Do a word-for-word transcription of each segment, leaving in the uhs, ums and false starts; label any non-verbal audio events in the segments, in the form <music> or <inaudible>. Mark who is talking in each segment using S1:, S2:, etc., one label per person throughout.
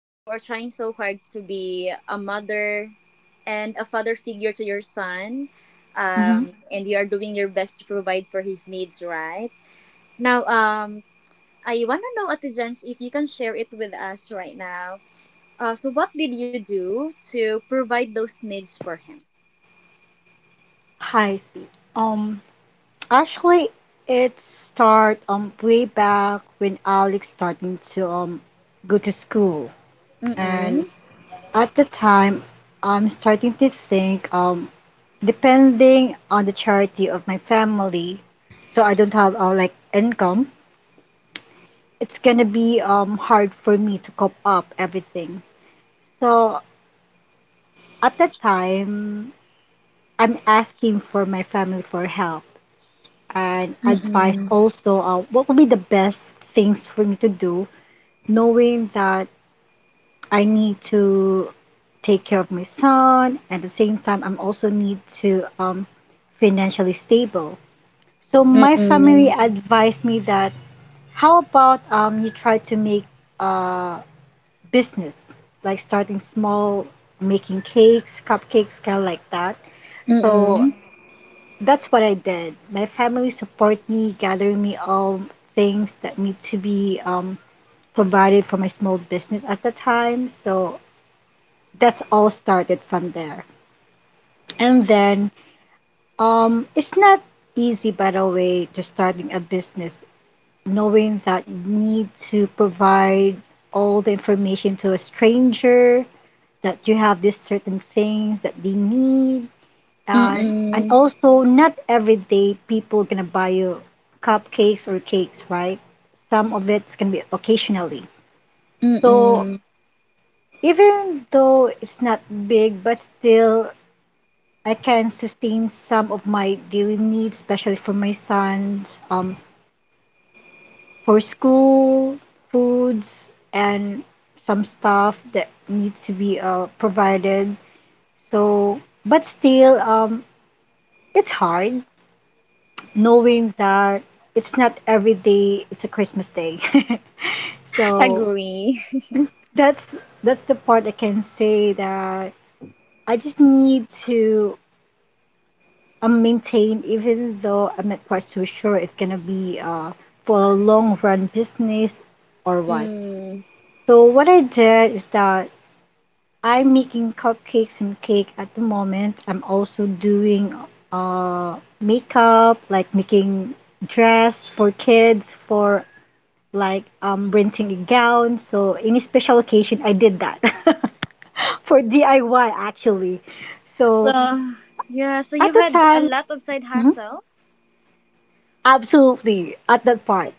S1: uh, you are trying so hard to be a mother and a father figure to your son,
S2: Mm-hmm.
S1: um, and you are doing your best to provide for his needs, right? Now, um, I want to know, Ate Jens, if you can share it with us right now. Uh, so, what did you do to provide those needs for him?
S2: I see. Um, Actually, it start um way back when Alex starting to um go to school, and
S1: Mm-mm.
S2: at the time, I'm starting to think um depending on the charity of my family, so I don't have uh, like income. It's gonna be um hard for me to cope up everything. So at that time, I'm asking for my family for help and advice
S1: Mm-mm.
S2: also, uh, what would be the best things for me to do, knowing that I need to take care of my son. At the same time, I'm also need to, um, financially stable. So my family
S1: Mm-mm.
S2: advised me that, how about, um, you try to make a business, like starting small, making cakes, cupcakes, kind of like that. So
S1: Mm-mm.
S2: that's what I did. My family support me, gathering me all things that need to be, um, provided for my small business at the time. So that's all started from there. And then, um, it's not easy, by the way, to starting a business, knowing that you need to provide all the information to a stranger, that you have these certain things that they need. Uh, and
S1: Mm-mm.
S2: also, not every day people gonna buy you cupcakes or cakes, right? Some of it's gonna be occasionally. So
S1: Mm-mm.
S2: even though it's not big, but still I can sustain some of my daily needs, especially for my sons, um, for school, foods, and some stuff that needs to be, uh, provided. So, but still, um, it's hard knowing that it's not every day it's a Christmas day. <laughs> So
S1: Agree.
S2: that's that's the part I can say that I just need to, um, maintain, even though I'm not quite so sure it's gonna be, uh, for a long run business or what.
S1: Mm.
S2: So what I did is that I'm making cupcakes and cake at the moment. I'm also doing uh makeup, like making dress for kids, for like, um, renting a gown. So, any special occasion, I did that <laughs> for D I Y actually. So,
S1: So, yeah, so
S2: at
S1: you
S2: the
S1: had a
S2: time,
S1: lot of side
S2: mhm,
S1: hustles?
S2: absolutely, at that part,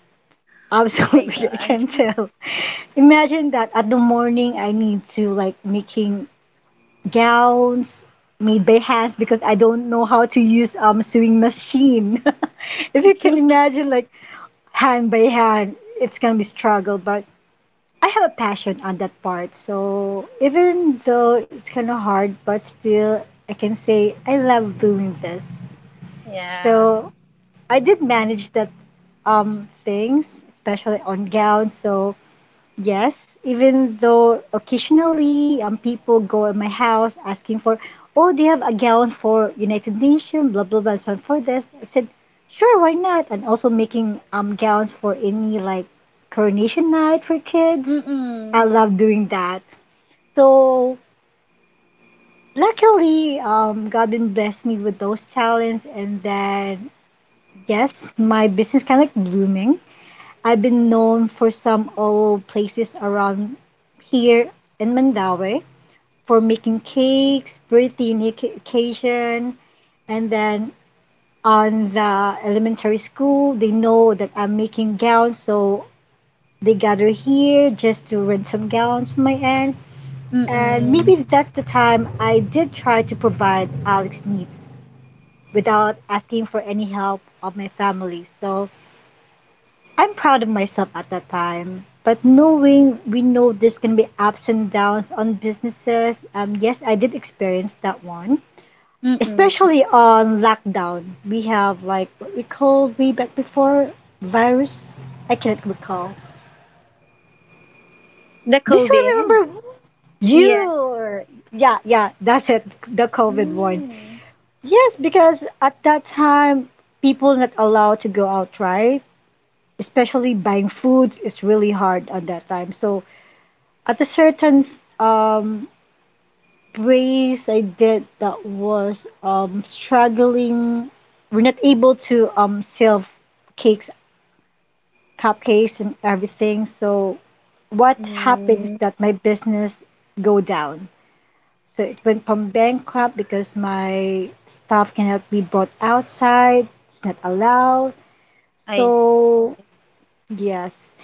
S1: Oh my
S2: absolutely, <laughs> I can
S1: god.
S2: tell. Imagine that at the morning, I need to like making gowns made by hands because I don't know how to use um sewing machine. <laughs> If you can
S1: <laughs>
S2: imagine, like hand by hand, it's gonna be struggle, but I have a passion on that part. So even though it's kind of hard, but still I can say I love doing this.
S1: Yeah.
S2: So I did manage that um things, especially on gowns. So yes, even though occasionally, um, people go in my house asking for, oh, do you have a gown for United Nations, blah, blah, blah, so for this. I said, sure, why not? And also making um gowns for any like coronation night for kids. I
S1: Mm-mm.
S2: love doing that. So luckily, um, God been blessed me with those talents, and then yes, my business kind of like blooming. I've been known for some old places around here in Mandaue for making cakes, birthday nic- occasion, and then on the elementary school, they know that I'm making gowns, so they gather here just to rent some gowns from my aunt. And maybe
S1: Mm-mm.
S2: that's the time I did try to provide Alex's needs without asking for any help of my family. So I'm proud of myself at that time. But knowing we know there's gonna be ups and downs on businesses, um, yes, I did experience that one.
S1: Mm-mm.
S2: Especially on lockdown, we have like what we called way back before, virus. I can't recall.
S1: The
S2: Do you still
S1: COVID?
S2: remember
S1: Yes.
S2: you? Yeah, yeah, that's it. The COVID one.
S1: Mm.
S2: Yes, because at that time, people not allowed to go out, right? Especially buying foods is really hard at that time. So at a certain, um race I did, that was um struggling. We're not able to um sell cakes, cupcakes, and everything. So what happened is
S1: Mm.
S2: that my business go down. So it went from bankrupt because my staff cannot be brought outside. It's not allowed.
S1: I see.
S2: So yes.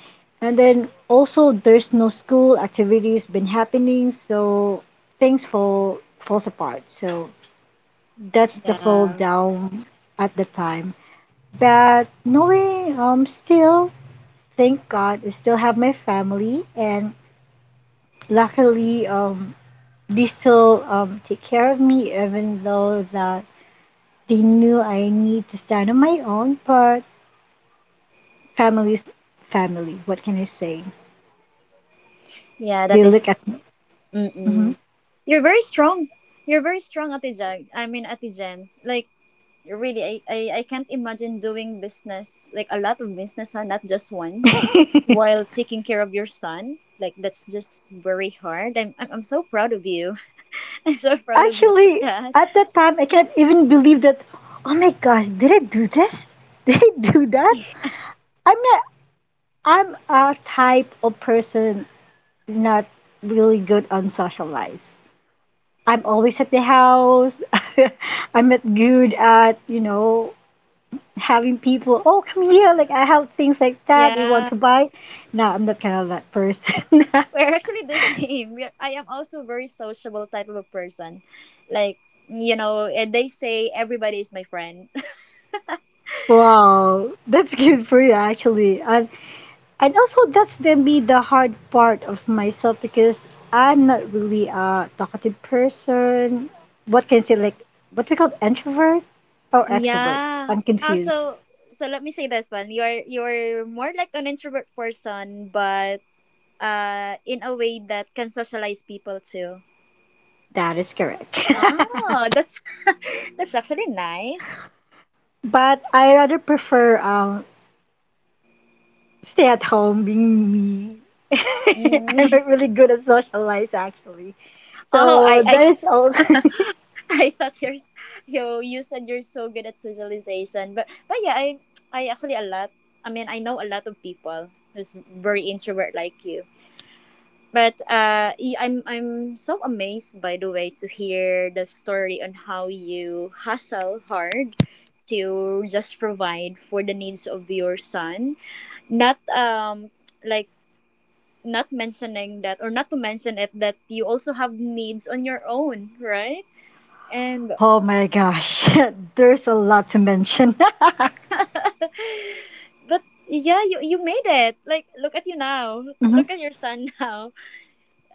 S2: And then also there's no school activities been happening, so things fall falls apart. So that's the fall
S1: Yeah.
S2: down at the time. But knowing, um, still, thank God I still have my family, and luckily, um, they still um take care of me, even though that they knew I need to stand on my own, but family's family, what can I say?
S1: Yeah,
S2: They
S1: that is.
S2: look at me. Mm-hmm.
S1: Mm-mm. You're very strong. You're very strong, Ate Jag. I mean, Ate Jens. Like, really, I, I, I can't imagine doing business, like a lot of business, huh? Not just one, while taking care of your son. Like that's just very hard. I'm I'm, I'm so proud of you. <laughs> I'm so proud of you for
S2: Actually,
S1: that.
S2: at that time, I can't even believe that. Oh my gosh, did I do this? <laughs> Did I do that?
S1: <laughs>
S2: I'm not. I'm a type of person not really good on socialize. I'm always at the house. <laughs> I'm not good at, you know having people. Oh, come here! Like I have things like that. You want
S1: Yeah.
S2: to buy? No, I'm not kind of that person. <laughs>
S1: We're actually the <laughs> same. We are, I am also a very sociable type of a person. Like, you know, and they say everybody is my friend.
S2: Wow, that's good for you actually. I And also that's the be the hard part of myself because I'm not really a talkative person. What can I say, like what we call introvert or
S1: <laughs>
S2: extrovert?
S1: yeah.
S2: I'm confused.
S1: Also, so so let me say this one. You're you're more like an introvert person, but uh in a way that can socialize people too.
S2: That is correct.
S1: Oh, that's <laughs> that's actually nice.
S2: <laughs> But I rather prefer um stay at home being me. <laughs> I'm
S1: Mm. <laughs>
S2: not really good at socialize actually.
S1: Oh,
S2: So
S1: I
S2: there is also.
S1: I
S2: <laughs>
S1: <laughs> I thought you're you you said you're so good at socialization, but but yeah, I I actually a lot. I mean, I know a lot of people who's very introvert like you. But uh, y- I'm I'm so amazed by the way to hear the story on how you hustle hard to just provide for the needs of your son. Not um like not mentioning that or not to mention it that you also have needs on your own, right? And
S2: Oh my gosh, <laughs> there's a lot to mention. <laughs>
S1: <laughs> but yeah, you you made it. Like, look at you now,
S2: Mhm.
S1: look at your son <laughs> now.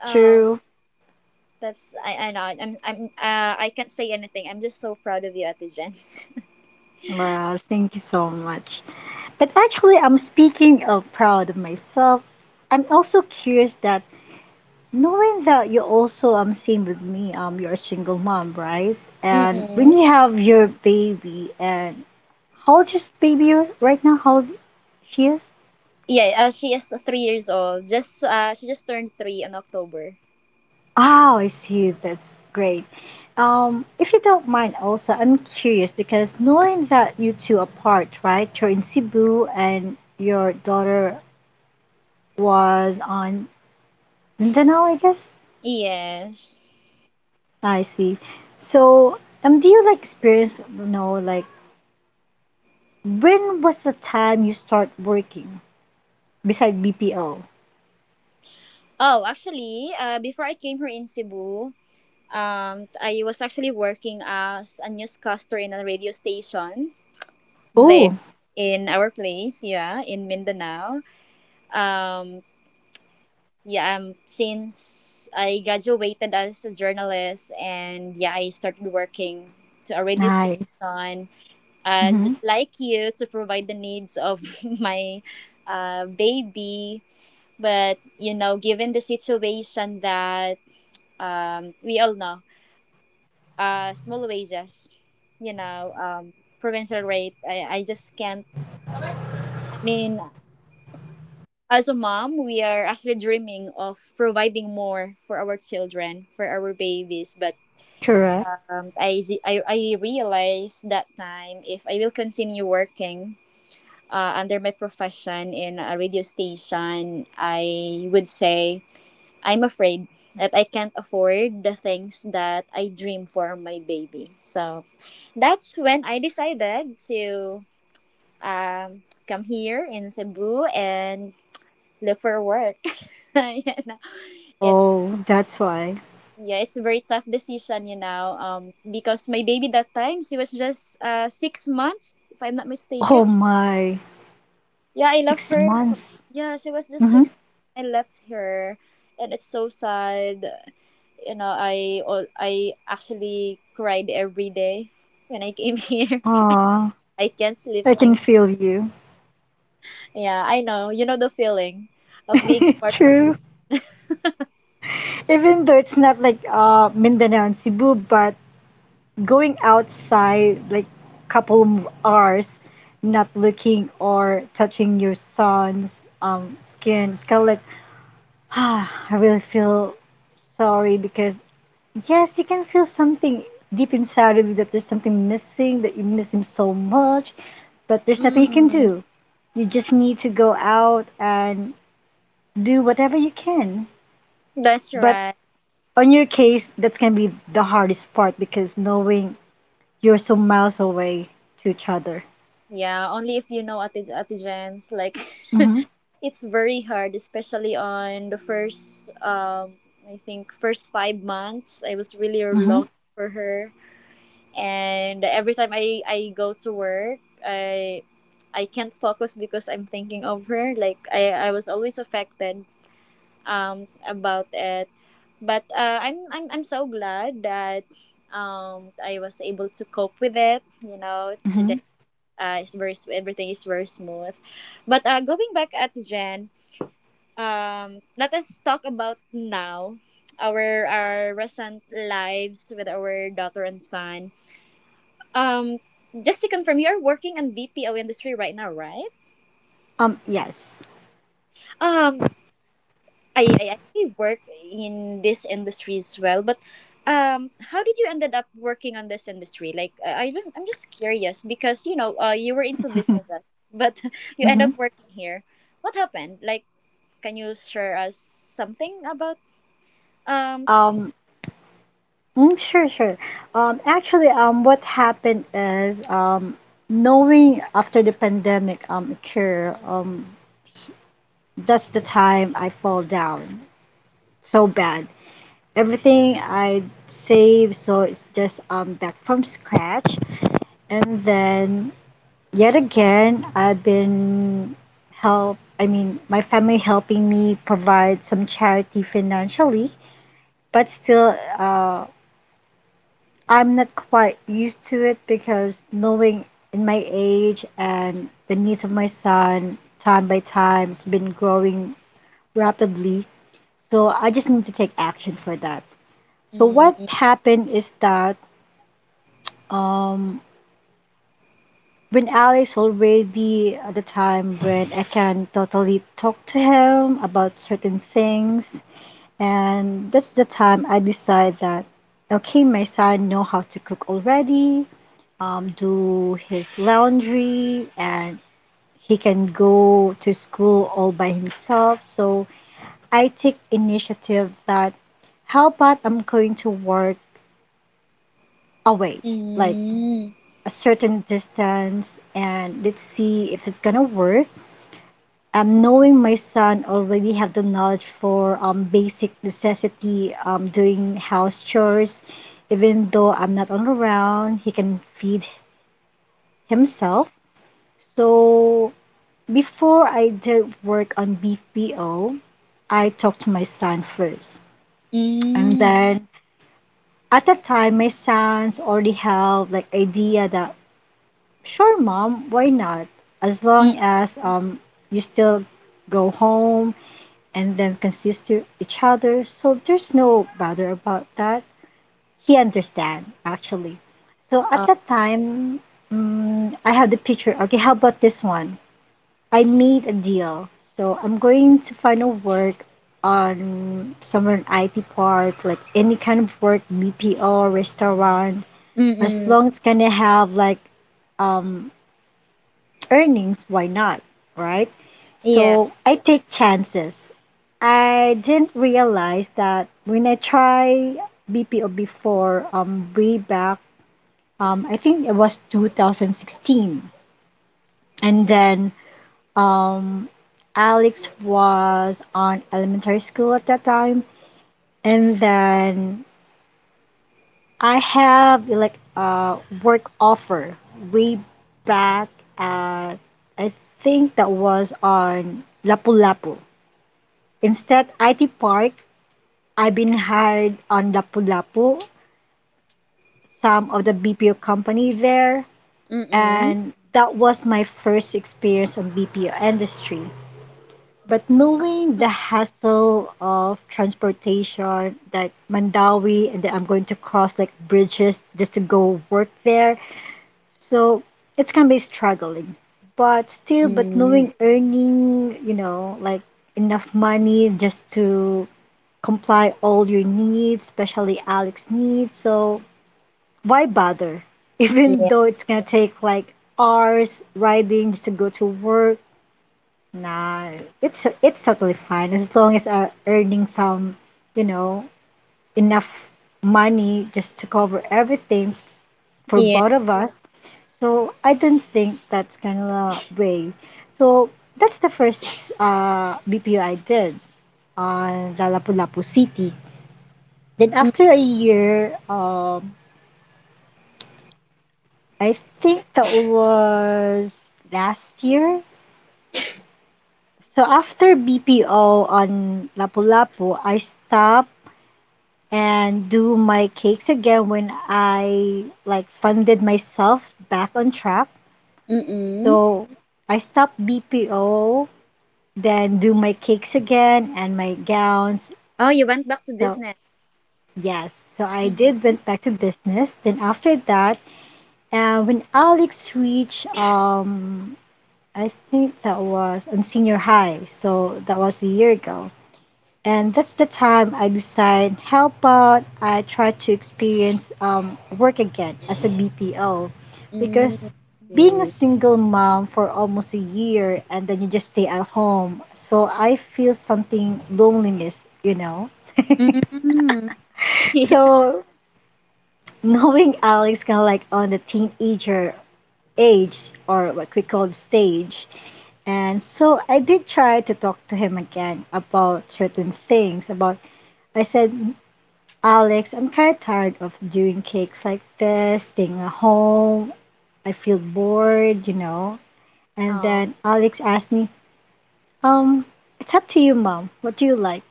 S1: um
S2: True.
S1: that's, I I know, i'm i'm uh, I can't say anything. I'm just so proud of you at this gents.
S2: Well, thank you so much. But actually, I'm speaking of proud of myself. I'm also curious that knowing that you also, um same with me, um you're a single mom, right?
S1: <laughs>
S2: And when
S1: Mm-mm.
S2: you have your baby, and how old is baby right now? How old she is?
S1: Yeah, uh, she is three years old. Just uh she just turned three in October.
S2: Oh, I see, that's great. Um, if you don't mind also, I'm curious because knowing that you two apart, right? You're in Cebu and your daughter was on Mindanao, I guess.
S1: Yes.
S2: I see. So, um, do you like experience, you know, like when was the time you start working beside B P O?
S1: Oh, actually, uh before I came here in Cebu, um I was actually working as a newscaster in a radio station there
S2: Oh,
S1: in our place, yeah, in Mindanao. Um, yeah, um, since I graduated as a journalist and yeah, I started working to a radio
S2: nice.
S1: station as
S2: Mm-hmm.
S1: like you to provide the needs of <laughs> my uh, baby. But you know, given the situation that um, we all know, uh, small wages, you know, um, provincial rate, I, I just can't, I mean, as a mom, we are actually dreaming of providing more for our children, for our babies. But
S2: Correct.
S1: um, I, I, I realized that time if I will continue working uh, under my profession in a radio station, I would say I'm afraid that I can't afford the things that I dream for my baby. So that's when I decided to um, come here in Cebu and look for work. <laughs> You know, it's
S2: Oh, that's why.
S1: yeah, it's a very tough decision, you know. Um, because my baby that time she was just uh six months, if I'm not mistaken.
S2: Oh my,
S1: Yeah, I left
S2: six
S1: her. For,
S2: months.
S1: yeah, she was just
S2: Mm-hmm.
S1: six. I left her, and it's so sad. You know, I all I actually cried every day when I came <laughs> here.
S2: Ah,
S1: I can't sleep.
S2: I can
S1: Thinking,
S2: feel you.
S1: yeah, I know. You know the feeling of being
S2: <laughs>
S1: apart from your.
S2: True.
S1: <laughs>
S2: Even though it's not like uh Mindanao and Cebu, but going outside like couple of hours, not looking or touching your son's um skin, it's kind of like <sighs> ah, I really feel sorry because yes, you can feel something deep inside of you, that there's something missing, that you miss him so much, but there's nothing you can
S1: Mm,
S2: do. You just need to go out and do whatever you can,
S1: that's
S2: but
S1: right.
S2: on your case, that's going to be the hardest part because knowing you're so miles away to each other.
S1: Yeah, only if you know Ate, Ate Jen's. Like,
S2: Mm-hmm.
S1: <laughs> it's very hard, especially on the first, um, I think, first five months. I was really
S2: Mm-hmm.
S1: longing for her. And every time I, I go to work, I I can't focus because I'm thinking of her. Like, I, I was always affected um, about it. But uh, I'm, I'm, I'm so glad that um, I was able to cope with it, you know,
S2: Mm-hmm.
S1: today uh, it's very sm- everything is very smooth. But uh, going back at Jen, um, let us talk about now our our recent lives with our daughter and son. Um, just to confirm, you're working on B P O industry right now, right?
S2: Um, yes.
S1: Um, I, I actually work in this industry as well, but um, how did you ended up working on this industry? Like, I, I don't, I'm just curious because you know, uh, you were into businesses, but <laughs> you end
S2: Mm-hmm.
S1: up working here. What happened? Like, can you share us something about um
S2: Um, mm, sure, sure. Um, actually, um, what happened is, um, knowing after the pandemic, um, occur, um, that's the time I fall down so bad. Everything I save, so it's just um back from scratch, and then yet again, I've been help, I mean, my family helping me provide some charity financially, but still, uh, I'm not quite used to it because knowing in my age and the needs of my son, time by time, it's been growing rapidly. So I just need to take action for that. So what
S1: mm,
S2: happened is that, um when Alice already at the time when I can totally talk to him about certain things, and that's the time I decide that, okay, my son know how to cook already, um, do his laundry, and he can go to school all by himself. So I take initiative that, how about I'm going to work away, like
S1: mm,
S2: a certain distance, and let's see if it's gonna work, um, knowing my son already have the knowledge for, um, basic necessity, um, doing house chores. Even though I'm not on around, he can feed himself. So before I did work on B P O, I talked to my son first, and
S1: mm,
S2: then at that time, my sons already have like idea that, sure, mom, why not? As
S1: mm,
S2: long as, um, you still go home and then can sister each other. So there's no bother about that. He understand actually. So at
S1: uh,
S2: that time, mm, I had the picture. Okay, how about this one? I made a deal. So I'm going to find a work on somewhere in I T part, like any kind of work, B P O, restaurant,
S1: mm,
S2: as long as
S1: mm,
S2: it's gonna have like um earnings, why not? Right?
S1: yeah,
S2: So I take chances. I didn't realize that when I tried B P O before, um, way back, um, I think it was two thousand sixteen. And then, um, Alex was on elementary school at that time. And then I have like a work offer way back at, I think that was on Lapu-Lapu. Instead, I T Park, I've been hired on Lapu-Lapu, some of the B P O company there,
S1: mm, mm,
S2: and that was my first experience on B P O industry. But knowing the hassle of transportation, that Mandawi, and that I'm going to cross like bridges just to go work there, so it's gonna be struggling. But still, but knowing
S1: mm,
S2: earning, you know, like enough money just to comply all your needs, especially Alex's needs. So why bother? <laughs> Even
S1: yeah,
S2: though it's gonna take like hours riding just to go to work. Nah, it's it's totally fine as long as I'm earning some, you know, enough money just to cover everything for
S1: yeah,
S2: both of us. So I don't think that's kind of a way. So that's the first uh, B P O I did on the Lapu-Lapu City. Then
S1: mm,
S2: after a year, um, I think that was last year. So after B P O on Lapu-Lapu, I stopped and do my cakes again when I like funded myself back on track.
S1: mm, mm.
S2: So I stopped B P O then do my cakes again and my gowns.
S1: Oh, you went back to
S2: So
S1: business.
S2: yes, so I did
S1: Mm-hmm.
S2: went back to business. Then after that, uh, when Alex reached, um, I think that was on senior high. So that was a year ago. And that's the time I decide how about I try to experience um, work again as a B P O
S1: Mm,
S2: because
S1: I
S2: being a
S1: see.
S2: single mom for almost a year and then you just stay at home. So I feel something loneliness, you know.
S1: Mm, <laughs> yeah.
S2: So <laughs> knowing Alex kind of like on the teenager age or what we call stage. And so I did try to talk to him again about certain things about I said Alex, I'm kind of tired of doing cakes like this, staying at home. I feel bored, you know. And
S1: Oh.
S2: then Alex asked me, um, it's up to you, mom. What do you like?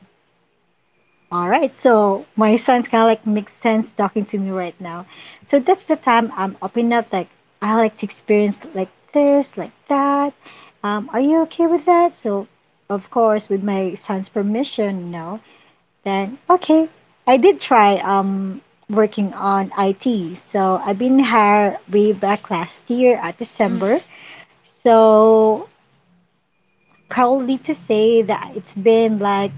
S2: All right, so my son's kind of like makes sense talking to me right now. So that's the time I'm opening up, like, I like to experience like this, like that. Um, are you okay with that? So, of course, with my son's permission, you know. Then, okay. I did try um working on I T. So I've been hired way back last year at
S1: Mm,
S2: December. So proudly to say that it's been like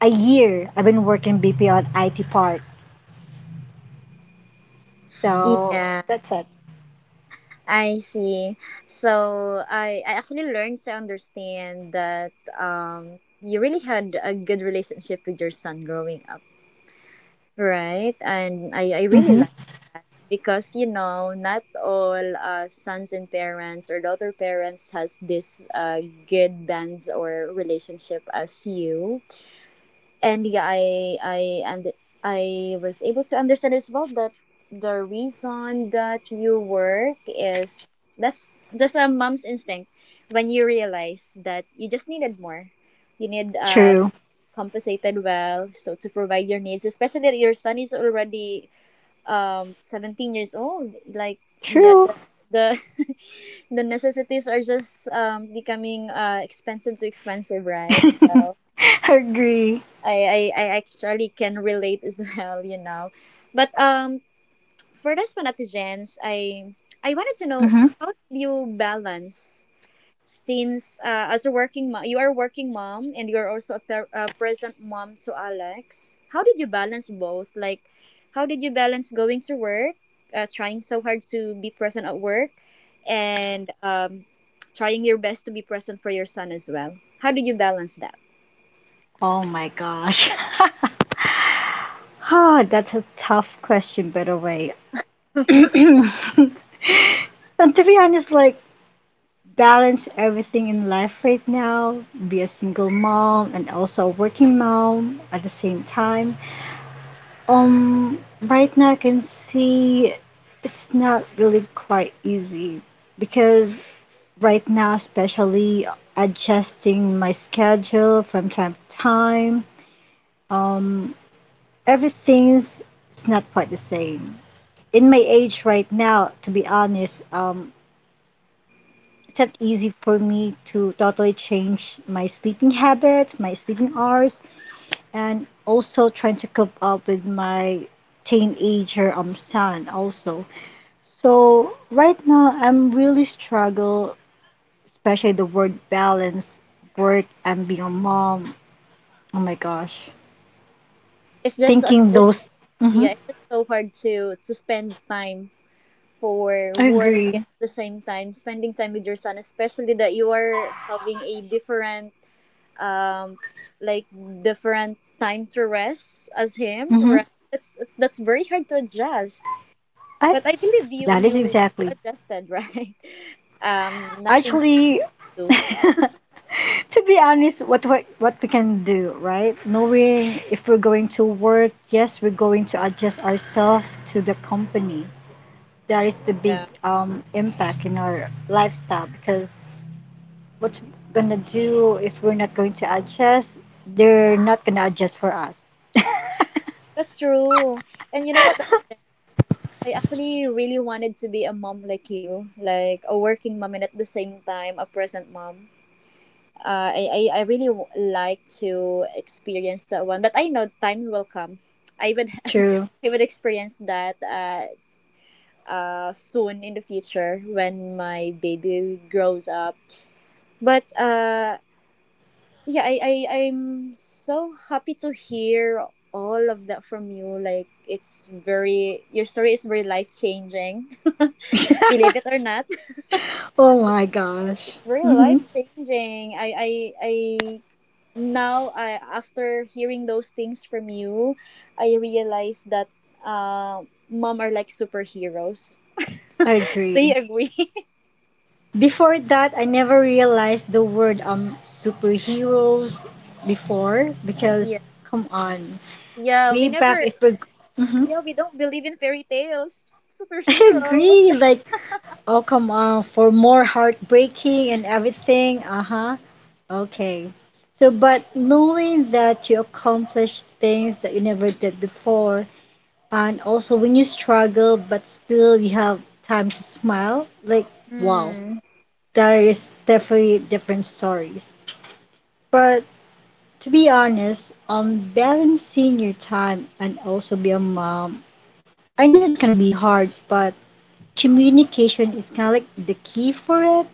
S2: a year I've been working B P on I T part. So
S1: yeah.
S2: that's it.
S1: I see. So I, I actually learned to understand that um you really had a good relationship with your son growing up, right. And I, I really
S2: Mm-hmm.
S1: like that because, you know, not all uh, sons and parents or daughter parents has this uh, good bonds or relationship as you. And yeah, I I and I was able to understand as well that the reason that you work is that's just a mom's instinct, when you realize that you just needed more, you need uh
S2: True.
S1: to be compensated well so to provide your needs, especially that your son is already um seventeen years old. Like, yeah,
S2: True.
S1: the the, <laughs> the necessities are just um becoming uh expensive to expensive, right?
S2: <laughs>
S1: So
S2: Agree.
S1: I, I, I actually can relate as <laughs> well, you know. But um, for this one, Ate Jens, I I wanted to know
S2: Mm-hmm.
S1: how did you balance since uh, as a working mom, you are a working mom and you are also a, per- a present mom to Alex. How did you balance both? Like, how did you balance going to work, uh, trying so hard to be present at work, and um, trying your best to be present for your son as well? How did you balance that?
S2: Oh my gosh. <laughs> Ah, that's a tough question, by the way.
S1: <laughs>
S2: And to be honest, like balance everything in life right now, be a single mom and also a working mom at the same time. Um, right now I can see it's not really quite easy because right now, especially adjusting my schedule from time to time, um, everything's it's not quite the same. In my age right now, to be honest, um, it's not easy for me to totally change my sleeping habits, my sleeping hours, and also trying to cope up with my teenager um son also. So right now I'm really struggle, especially the word balance, work and being a mom. Oh my gosh,
S1: It's just uh,
S2: thinking
S1: so
S2: those. Mm-hmm,
S1: Yeah, it's just so hard to to spend time for
S2: I
S1: work
S2: agree.
S1: and at the same time spending time with your son, especially that you are having a different um like different time to rest as him,
S2: Mm-hmm.
S1: right? That's it's, that's very hard to adjust.
S2: I
S1: But I believe you
S2: that is
S1: you you
S2: exactly.
S1: adjusted, <laughs> right? Um, nothing
S2: Actually, <laughs>
S1: do.
S2: to be honest, what what what we can do, right? Knowing if we're going to work, yes, we're going to adjust ourselves to the company. That is the big
S1: Yeah,
S2: um, impact in our lifestyle because what we're gonna do if we're not going to adjust, they're not gonna adjust for us.
S1: that's true. And you know what? I actually really wanted to be a mom like you, like a working mom and at the same time a present mom. Uh, I, I, I really w- like to experience that one, but I know time will come. I would
S2: True.
S1: <laughs> I would experience that uh, uh, soon in the future when my baby grows up. But uh, yeah, I, I I'm so happy to hear all of that from you. Like, it's very your story is very life changing, <laughs> believe it or not. <laughs>
S2: Oh
S1: But
S2: my
S1: it's,
S2: gosh.
S1: it's very
S2: Mm-hmm.
S1: life changing. I I I Now, I, after hearing those things from you, I realize that uh, mom are like superheroes.
S2: I
S1: <laughs> Do
S2: agree.
S1: you agree? <laughs>
S2: Before that, I never realized the word um superheroes before because
S1: Yeah,
S2: come on,
S1: yeah,
S2: way
S1: we
S2: back
S1: never,
S2: if we're Mhm.
S1: yeah, we don't believe in fairy tales
S2: <laughs> I
S1: superhero, what's
S2: agree.
S1: that.
S2: Like, oh come on, for more heartbreaking and everything. Uh-huh. Okay. So, but knowing that you accomplished things that you never did before, and also when you struggle but still you have time to smile, like wow,
S1: Hmm.
S2: there is definitely different stories. But to be honest, um, balancing your time and also be a mom, I know it's gonna be hard, but communication is kind of like the key for it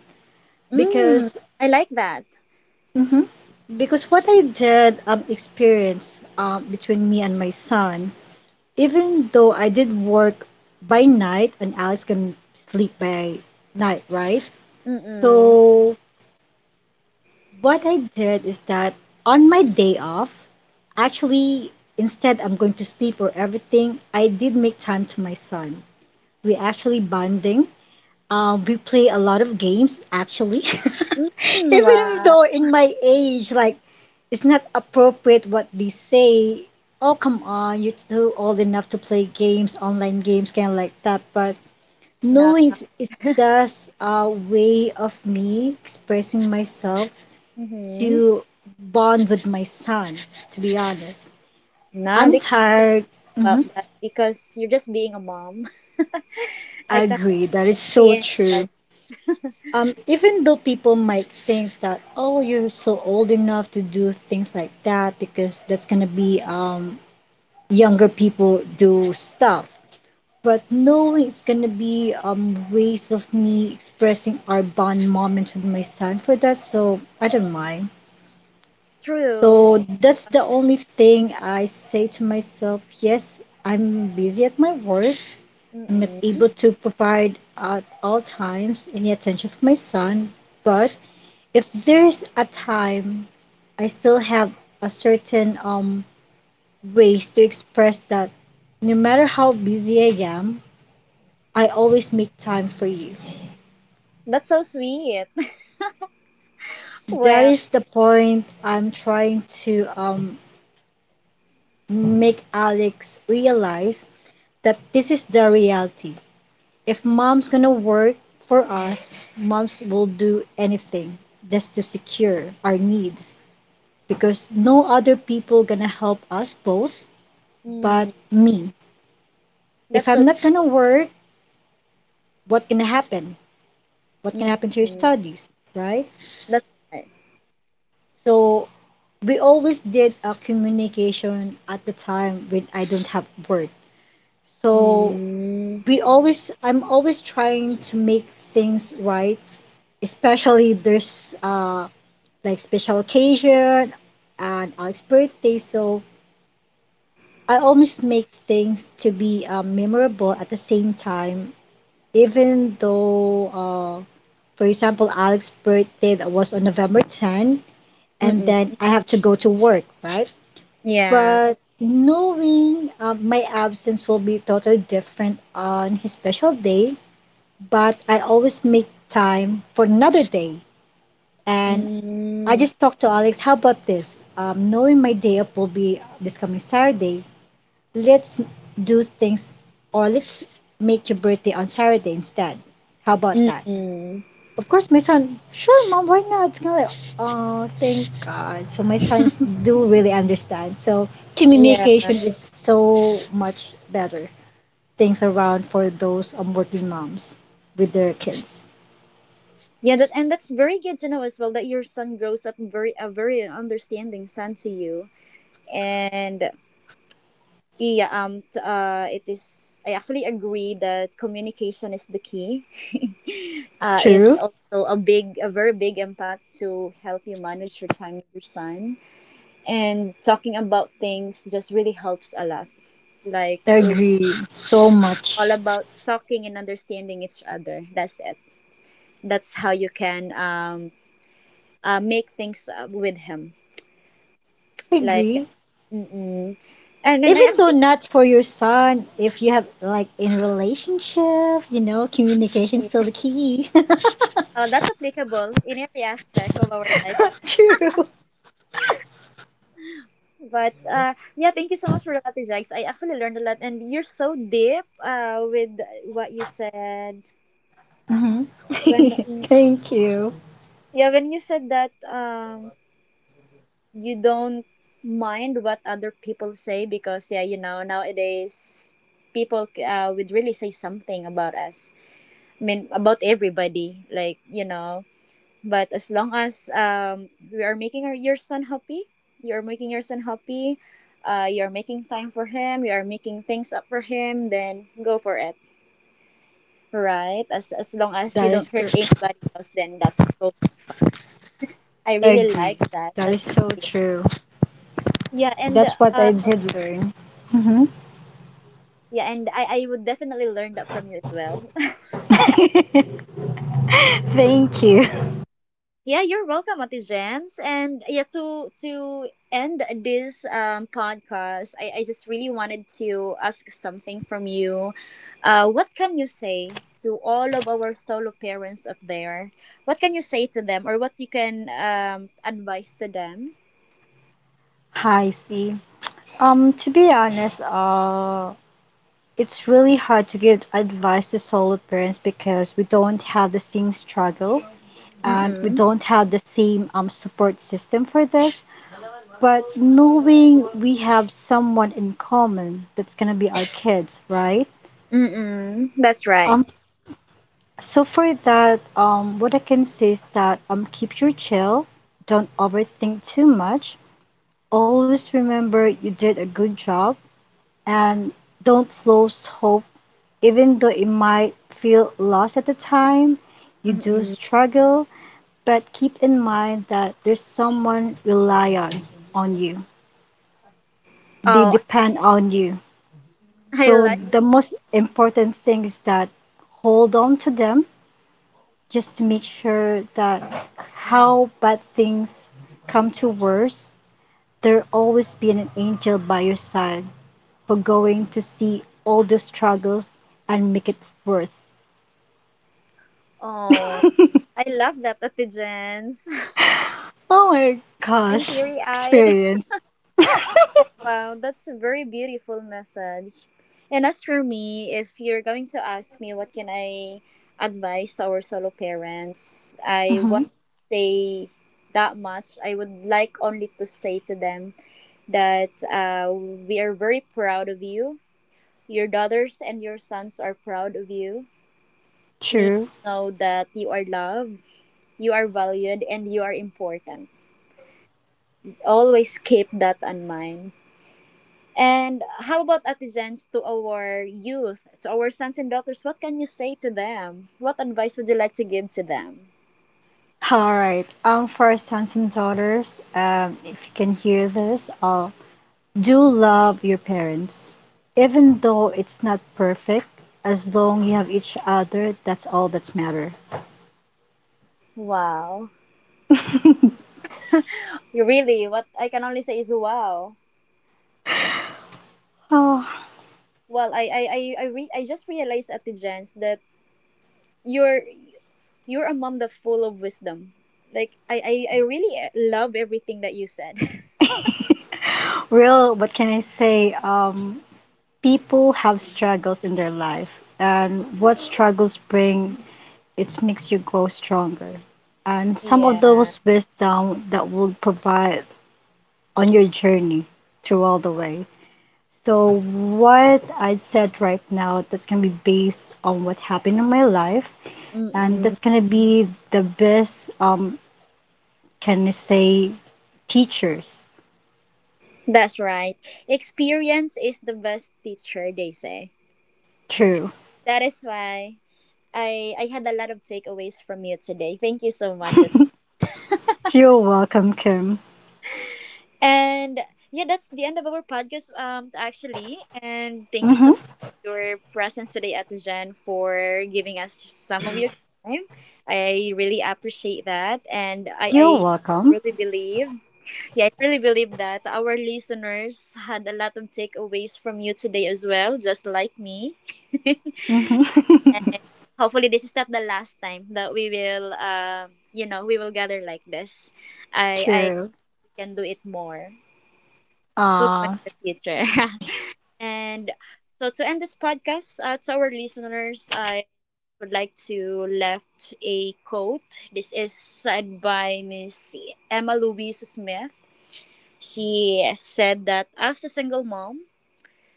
S1: Mm,
S2: because
S1: I like that.
S2: mhm, because what I did um experience um between me and my son, even though I did work by night and Alice can sleep by night, right?
S1: Mm-mm.
S2: So what I did is that on my day off, actually instead I'm going to sleep or everything, I did make time to my son. We actually bonding. Uh, we play a lot of games actually. <laughs>
S1: Mm,
S2: Even
S1: wow.
S2: though in my age, like it's not appropriate what they say. Oh come on, you're too old enough to play games, online games, kind of like that. But
S1: Nah.
S2: no, it's it's
S1: <laughs>
S2: just a way of me expressing myself
S1: Mm-hmm.
S2: to bond with my son. To be honest,
S1: Nah,
S2: I'm
S1: they can't say nothing
S2: tired.
S1: about
S2: Hmm.
S1: that because you're just being a mom. <laughs> I
S2: I
S1: can't
S2: agree. That is
S1: say
S2: so
S1: anything
S2: true.
S1: bad. <laughs>
S2: Um, even though people might think that, oh, you're so old enough to do things like that because that's gonna be um, younger people do stuff. But no, it's gonna be um, ways of me expressing our bond moments with my son for that, so I don't mind.
S1: True.
S2: So that's the only thing I say to myself. Yes, I'm busy at my work. I'm not
S1: Mm-mm.
S2: able to provide at all times any attention for my son, but if there's a time I still have a certain um ways to express that no matter how busy I am, I always make time for you.
S1: That's so sweet. <laughs>
S2: That
S1: Well,
S2: is the point I'm trying to um make Alex realize that this is the reality. If mom's gonna work for us, moms will do anything just to secure our needs because no other people gonna help us both
S1: mm-mm.
S2: but me if
S1: That's
S2: I'm
S1: so.
S2: not gonna work, what can happen? What can happen to your
S1: Mm-mm.
S2: studies, right?
S1: That's right.
S2: So we always did a communication at the time when I don't have work. So
S1: Mm.
S2: we always, I'm always trying to make things right, especially there's uh like special occasion and Alex's birthday. So I always make things to be uh, memorable at the same time even though, uh, for example, Alex's birthday that was on November tenth, and then
S1: Mm-mm.
S2: I have to go to work, right?
S1: Yeah.
S2: But knowing uh, my absence will be totally different on his special day, but I always make time for another day. And I
S1: Mm.
S2: just talked to Alex, how about this? Um, knowing my day up will be this coming Saturday, let's do things or let's make your birthday on Saturday instead. How about that?
S1: Mm-mm.
S2: Of course, my son, sure, mom, why not? It's kinda like, oh, thank God. So my sons do really understand. So
S1: Yeah.
S2: communication is so much better. Things around for those um, working moms with their kids.
S1: Yeah, that, and that's very good to know as well that your son grows up very a very understanding son to you. And yeah, um, t- uh, it is. I actually agree that communication is the key. <laughs> Uh, is
S2: True.
S1: also a big, a very big impact to help you manage your time with your son. And talking about things just really helps a lot. Like
S2: I
S1: really,
S2: agree so
S1: it's all
S2: much.
S1: about talking and understanding each other. That's it. That's how you can um uh, make things uh, with him.
S2: I
S1: Like,
S2: agree.
S1: mm-mm. And then I
S2: Even
S1: actually
S2: though not for your son, if you have like in relationship, you know, communication
S1: really, yeah.
S2: still the key. <laughs>
S1: Uh, that's applicable in every aspect of our life.
S2: True.
S1: But uh, yeah, thank you so much for that, Ate Jags. I actually learned a lot, and you're so deep uh, with what you said
S2: Hmm. <laughs>
S1: when y-
S2: Thank you.
S1: yeah, when you said that um you don't mind what other people say because yeah, you know, nowadays people uh, would really say something about us. I mean, about everybody, like, you know. But as long as um, we are making our, your son happy, you are making your son happy, uh, you are making time for him, you are making things up for him, then go for it, right? As as long as you
S2: That
S1: don't
S2: is
S1: hurt
S2: correct.
S1: anybody else, then that's totally fine. I
S2: I
S1: really
S2: agree.
S1: like that.
S2: That is
S1: That's so
S2: so
S1: dear.
S2: true.
S1: Yeah, and
S2: That's what
S1: uh,
S2: I did learn. Mhm.
S1: yeah, and I I would definitely learn that from you as well. <laughs>
S2: Thank you.
S1: Yeah, you're welcome, Ate Jens. And yeah, to to end this um, podcast, I, I just really wanted to ask something from you. Uh, what can you say to all of our solo parents up there? What can you say to them, or what you can um, advise to them?
S2: <laughs> Hi, C. Um, to be honest, uh, it's really hard to give advice to solo parents because we don't have the same struggle and we
S1: Mm-mm.
S2: don't have the same um support system for this. But knowing we have someone in common that's gonna be our kids, right?
S1: Mm-mm. That's right.
S2: Um, So for that, um, what I can say is that um, keep your chill, don't overthink too much. Always remember you did a good job, and don't lose hope, even though it might feel lost at the time. You do
S1: Mm-mm.
S2: struggle, but keep in mind that there's someone rely on on you. They
S1: Oh, I,
S2: depend on you.
S1: I
S2: So
S1: like.
S2: the most important thing is that hold on to them just to make sure that how bad things come to worse, there always be an angel by your side for going to see all those struggles and make it worth.
S1: Oh, I love that, Ate Jens.
S2: Oh my
S1: <laughs> I'm
S2: gosh,
S1: teary eyed.
S2: experience.
S1: Like, wow, that's a very beautiful message. And as for me, if you're going to ask me what can I advise to our solo parents, I won't
S2: Hmm.
S1: say that much. I would like only to say to them that uh, we are very proud of you. Your daughters and your sons are proud of you. Please
S2: True.
S1: know that you are loved, you are valued, and you are important. Always keep that in mind. And how about Atizens to our youth, to our sons and daughters? What can you say to them? What advice would you like to give to them?
S2: All right. Um, for our sons and daughters, um, if you can hear this, uh, do love your parents, even though it's not perfect. As long you have each other, that's all that's matter.
S1: Wow. You really, what I can only say is wow.
S2: Oh,
S1: Well, I I I I, re- I just realized Atizens that you're you're a mom that's full of wisdom. Like I I, I really love everything that you said. <laughs>
S2: well, what can I say? Um, people have struggles in their life, and what struggles bring, it makes you grow stronger. And some of
S1: Yeah.
S2: those wisdom that will provide on your journey through all the way. So, what I said right now, that's gonna be based on what happened in my life, and
S1: Mm-mm.
S2: that's gonna be the best, um, can I say, teachers.
S1: That's right. Experience is the best teacher, they say.
S2: True.
S1: That is why I I had a lot of takeaways from you today. Thank you so much. Ate.
S2: You're welcome, Kim.
S1: And yeah, that's the end of our podcast um actually. And thank you so
S2: Hmm.
S1: much for your presence today, Ate Jen, for giving us some of your time. I really appreciate that. And I,
S2: You're
S1: I
S2: welcome.
S1: really believe yeah, I really believe that our listeners had a lot of takeaways from you today as well, just like me.
S2: Mhm.
S1: <laughs> Hopefully this is not the last time that we will uh, you know we will gather like this
S2: <laughs>
S1: i i
S2: True.
S1: we can do it more soon in
S2: Uh,
S1: the future <laughs> and so to end this podcast uh, to our listeners I would like to left a quote. This is said by Miss Emma Louise Smith. She said that as a single mom,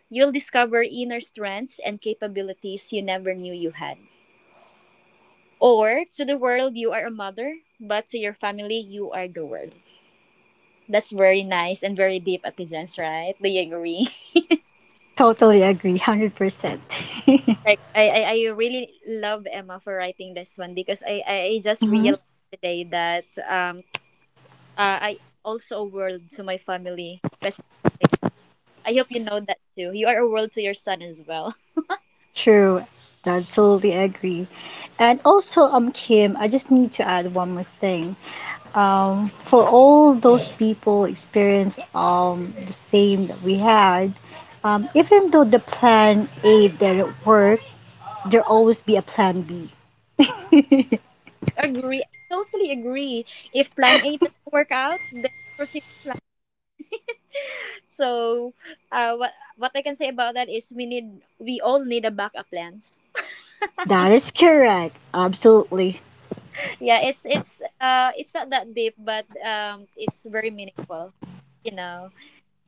S1: you'll discover inner strengths and capabilities you never knew you had. Or to the world, you are a mother, but to your family, you are the world. That's very nice and very deep, Ate Jens, right? Do you agree? <laughs>
S2: totally agree, one hundred percent.
S1: Like, I, I, I really love Emma for writing this one because I, I I just
S2: Mhm.
S1: realized today that um uh, I am also a world to my family, especially my dog. I hope you know that too. You are a world to your son as well.
S2: <laughs> True. Absolutely agree. And also, um, Kim, I just need to add one more thing. Um, for all those people experience um the same that we had, um, even though the plan A didn't work, there always be a plan B.
S1: <laughs> Agree. I totally agree. If plan A doesn't work out, then proceed to Plan. So, uh, what what I can say about that is we need we all need a backup plans.
S2: That is correct. Absolutely.
S1: Yeah, it's it's uh it's not that deep, but um it's very meaningful, you know.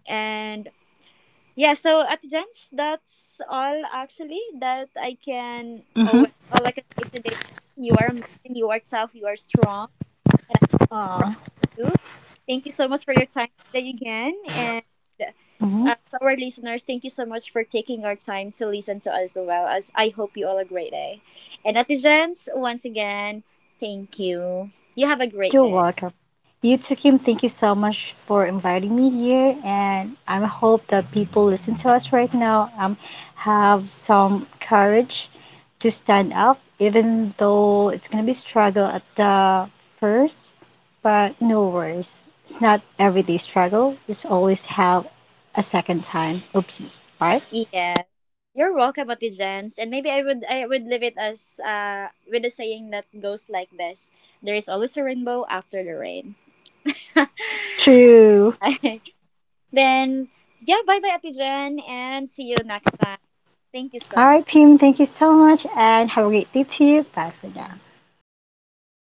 S1: And yeah, so at gents, that's all actually that I can. Oh
S2: Mm-hmm.
S1: well, all I can say today. Is you are amazing. You are tough. You are strong, and I'm so proud
S2: Uh,
S1: of you. Thank you so much for your time today again. And
S2: mhm.
S1: Uh, to our listeners, thank you so much for taking our time to listen to us as well. As I hope you all a great day. And netizens, once again, thank you. You have a great
S2: You're
S1: day.
S2: welcome. You too, Kim. Thank you so much for inviting me here, and I hope that people listen to us right now um, have some courage to stand up, even though it's gonna be struggle at the first. But no worries, it's not everyday struggle. Just always have a second time of peace. All right.
S1: Yes. You're welcome, netizens. And maybe I would I would leave it as uh with a saying that goes like this: There is always a rainbow after the rain. <laughs>
S2: True.
S1: Then yeah, bye bye, Atijan, and see you next time. Thank you
S2: All
S1: so much.
S2: right, Kim. Thank you so much, and have a great day to you. Bye for now.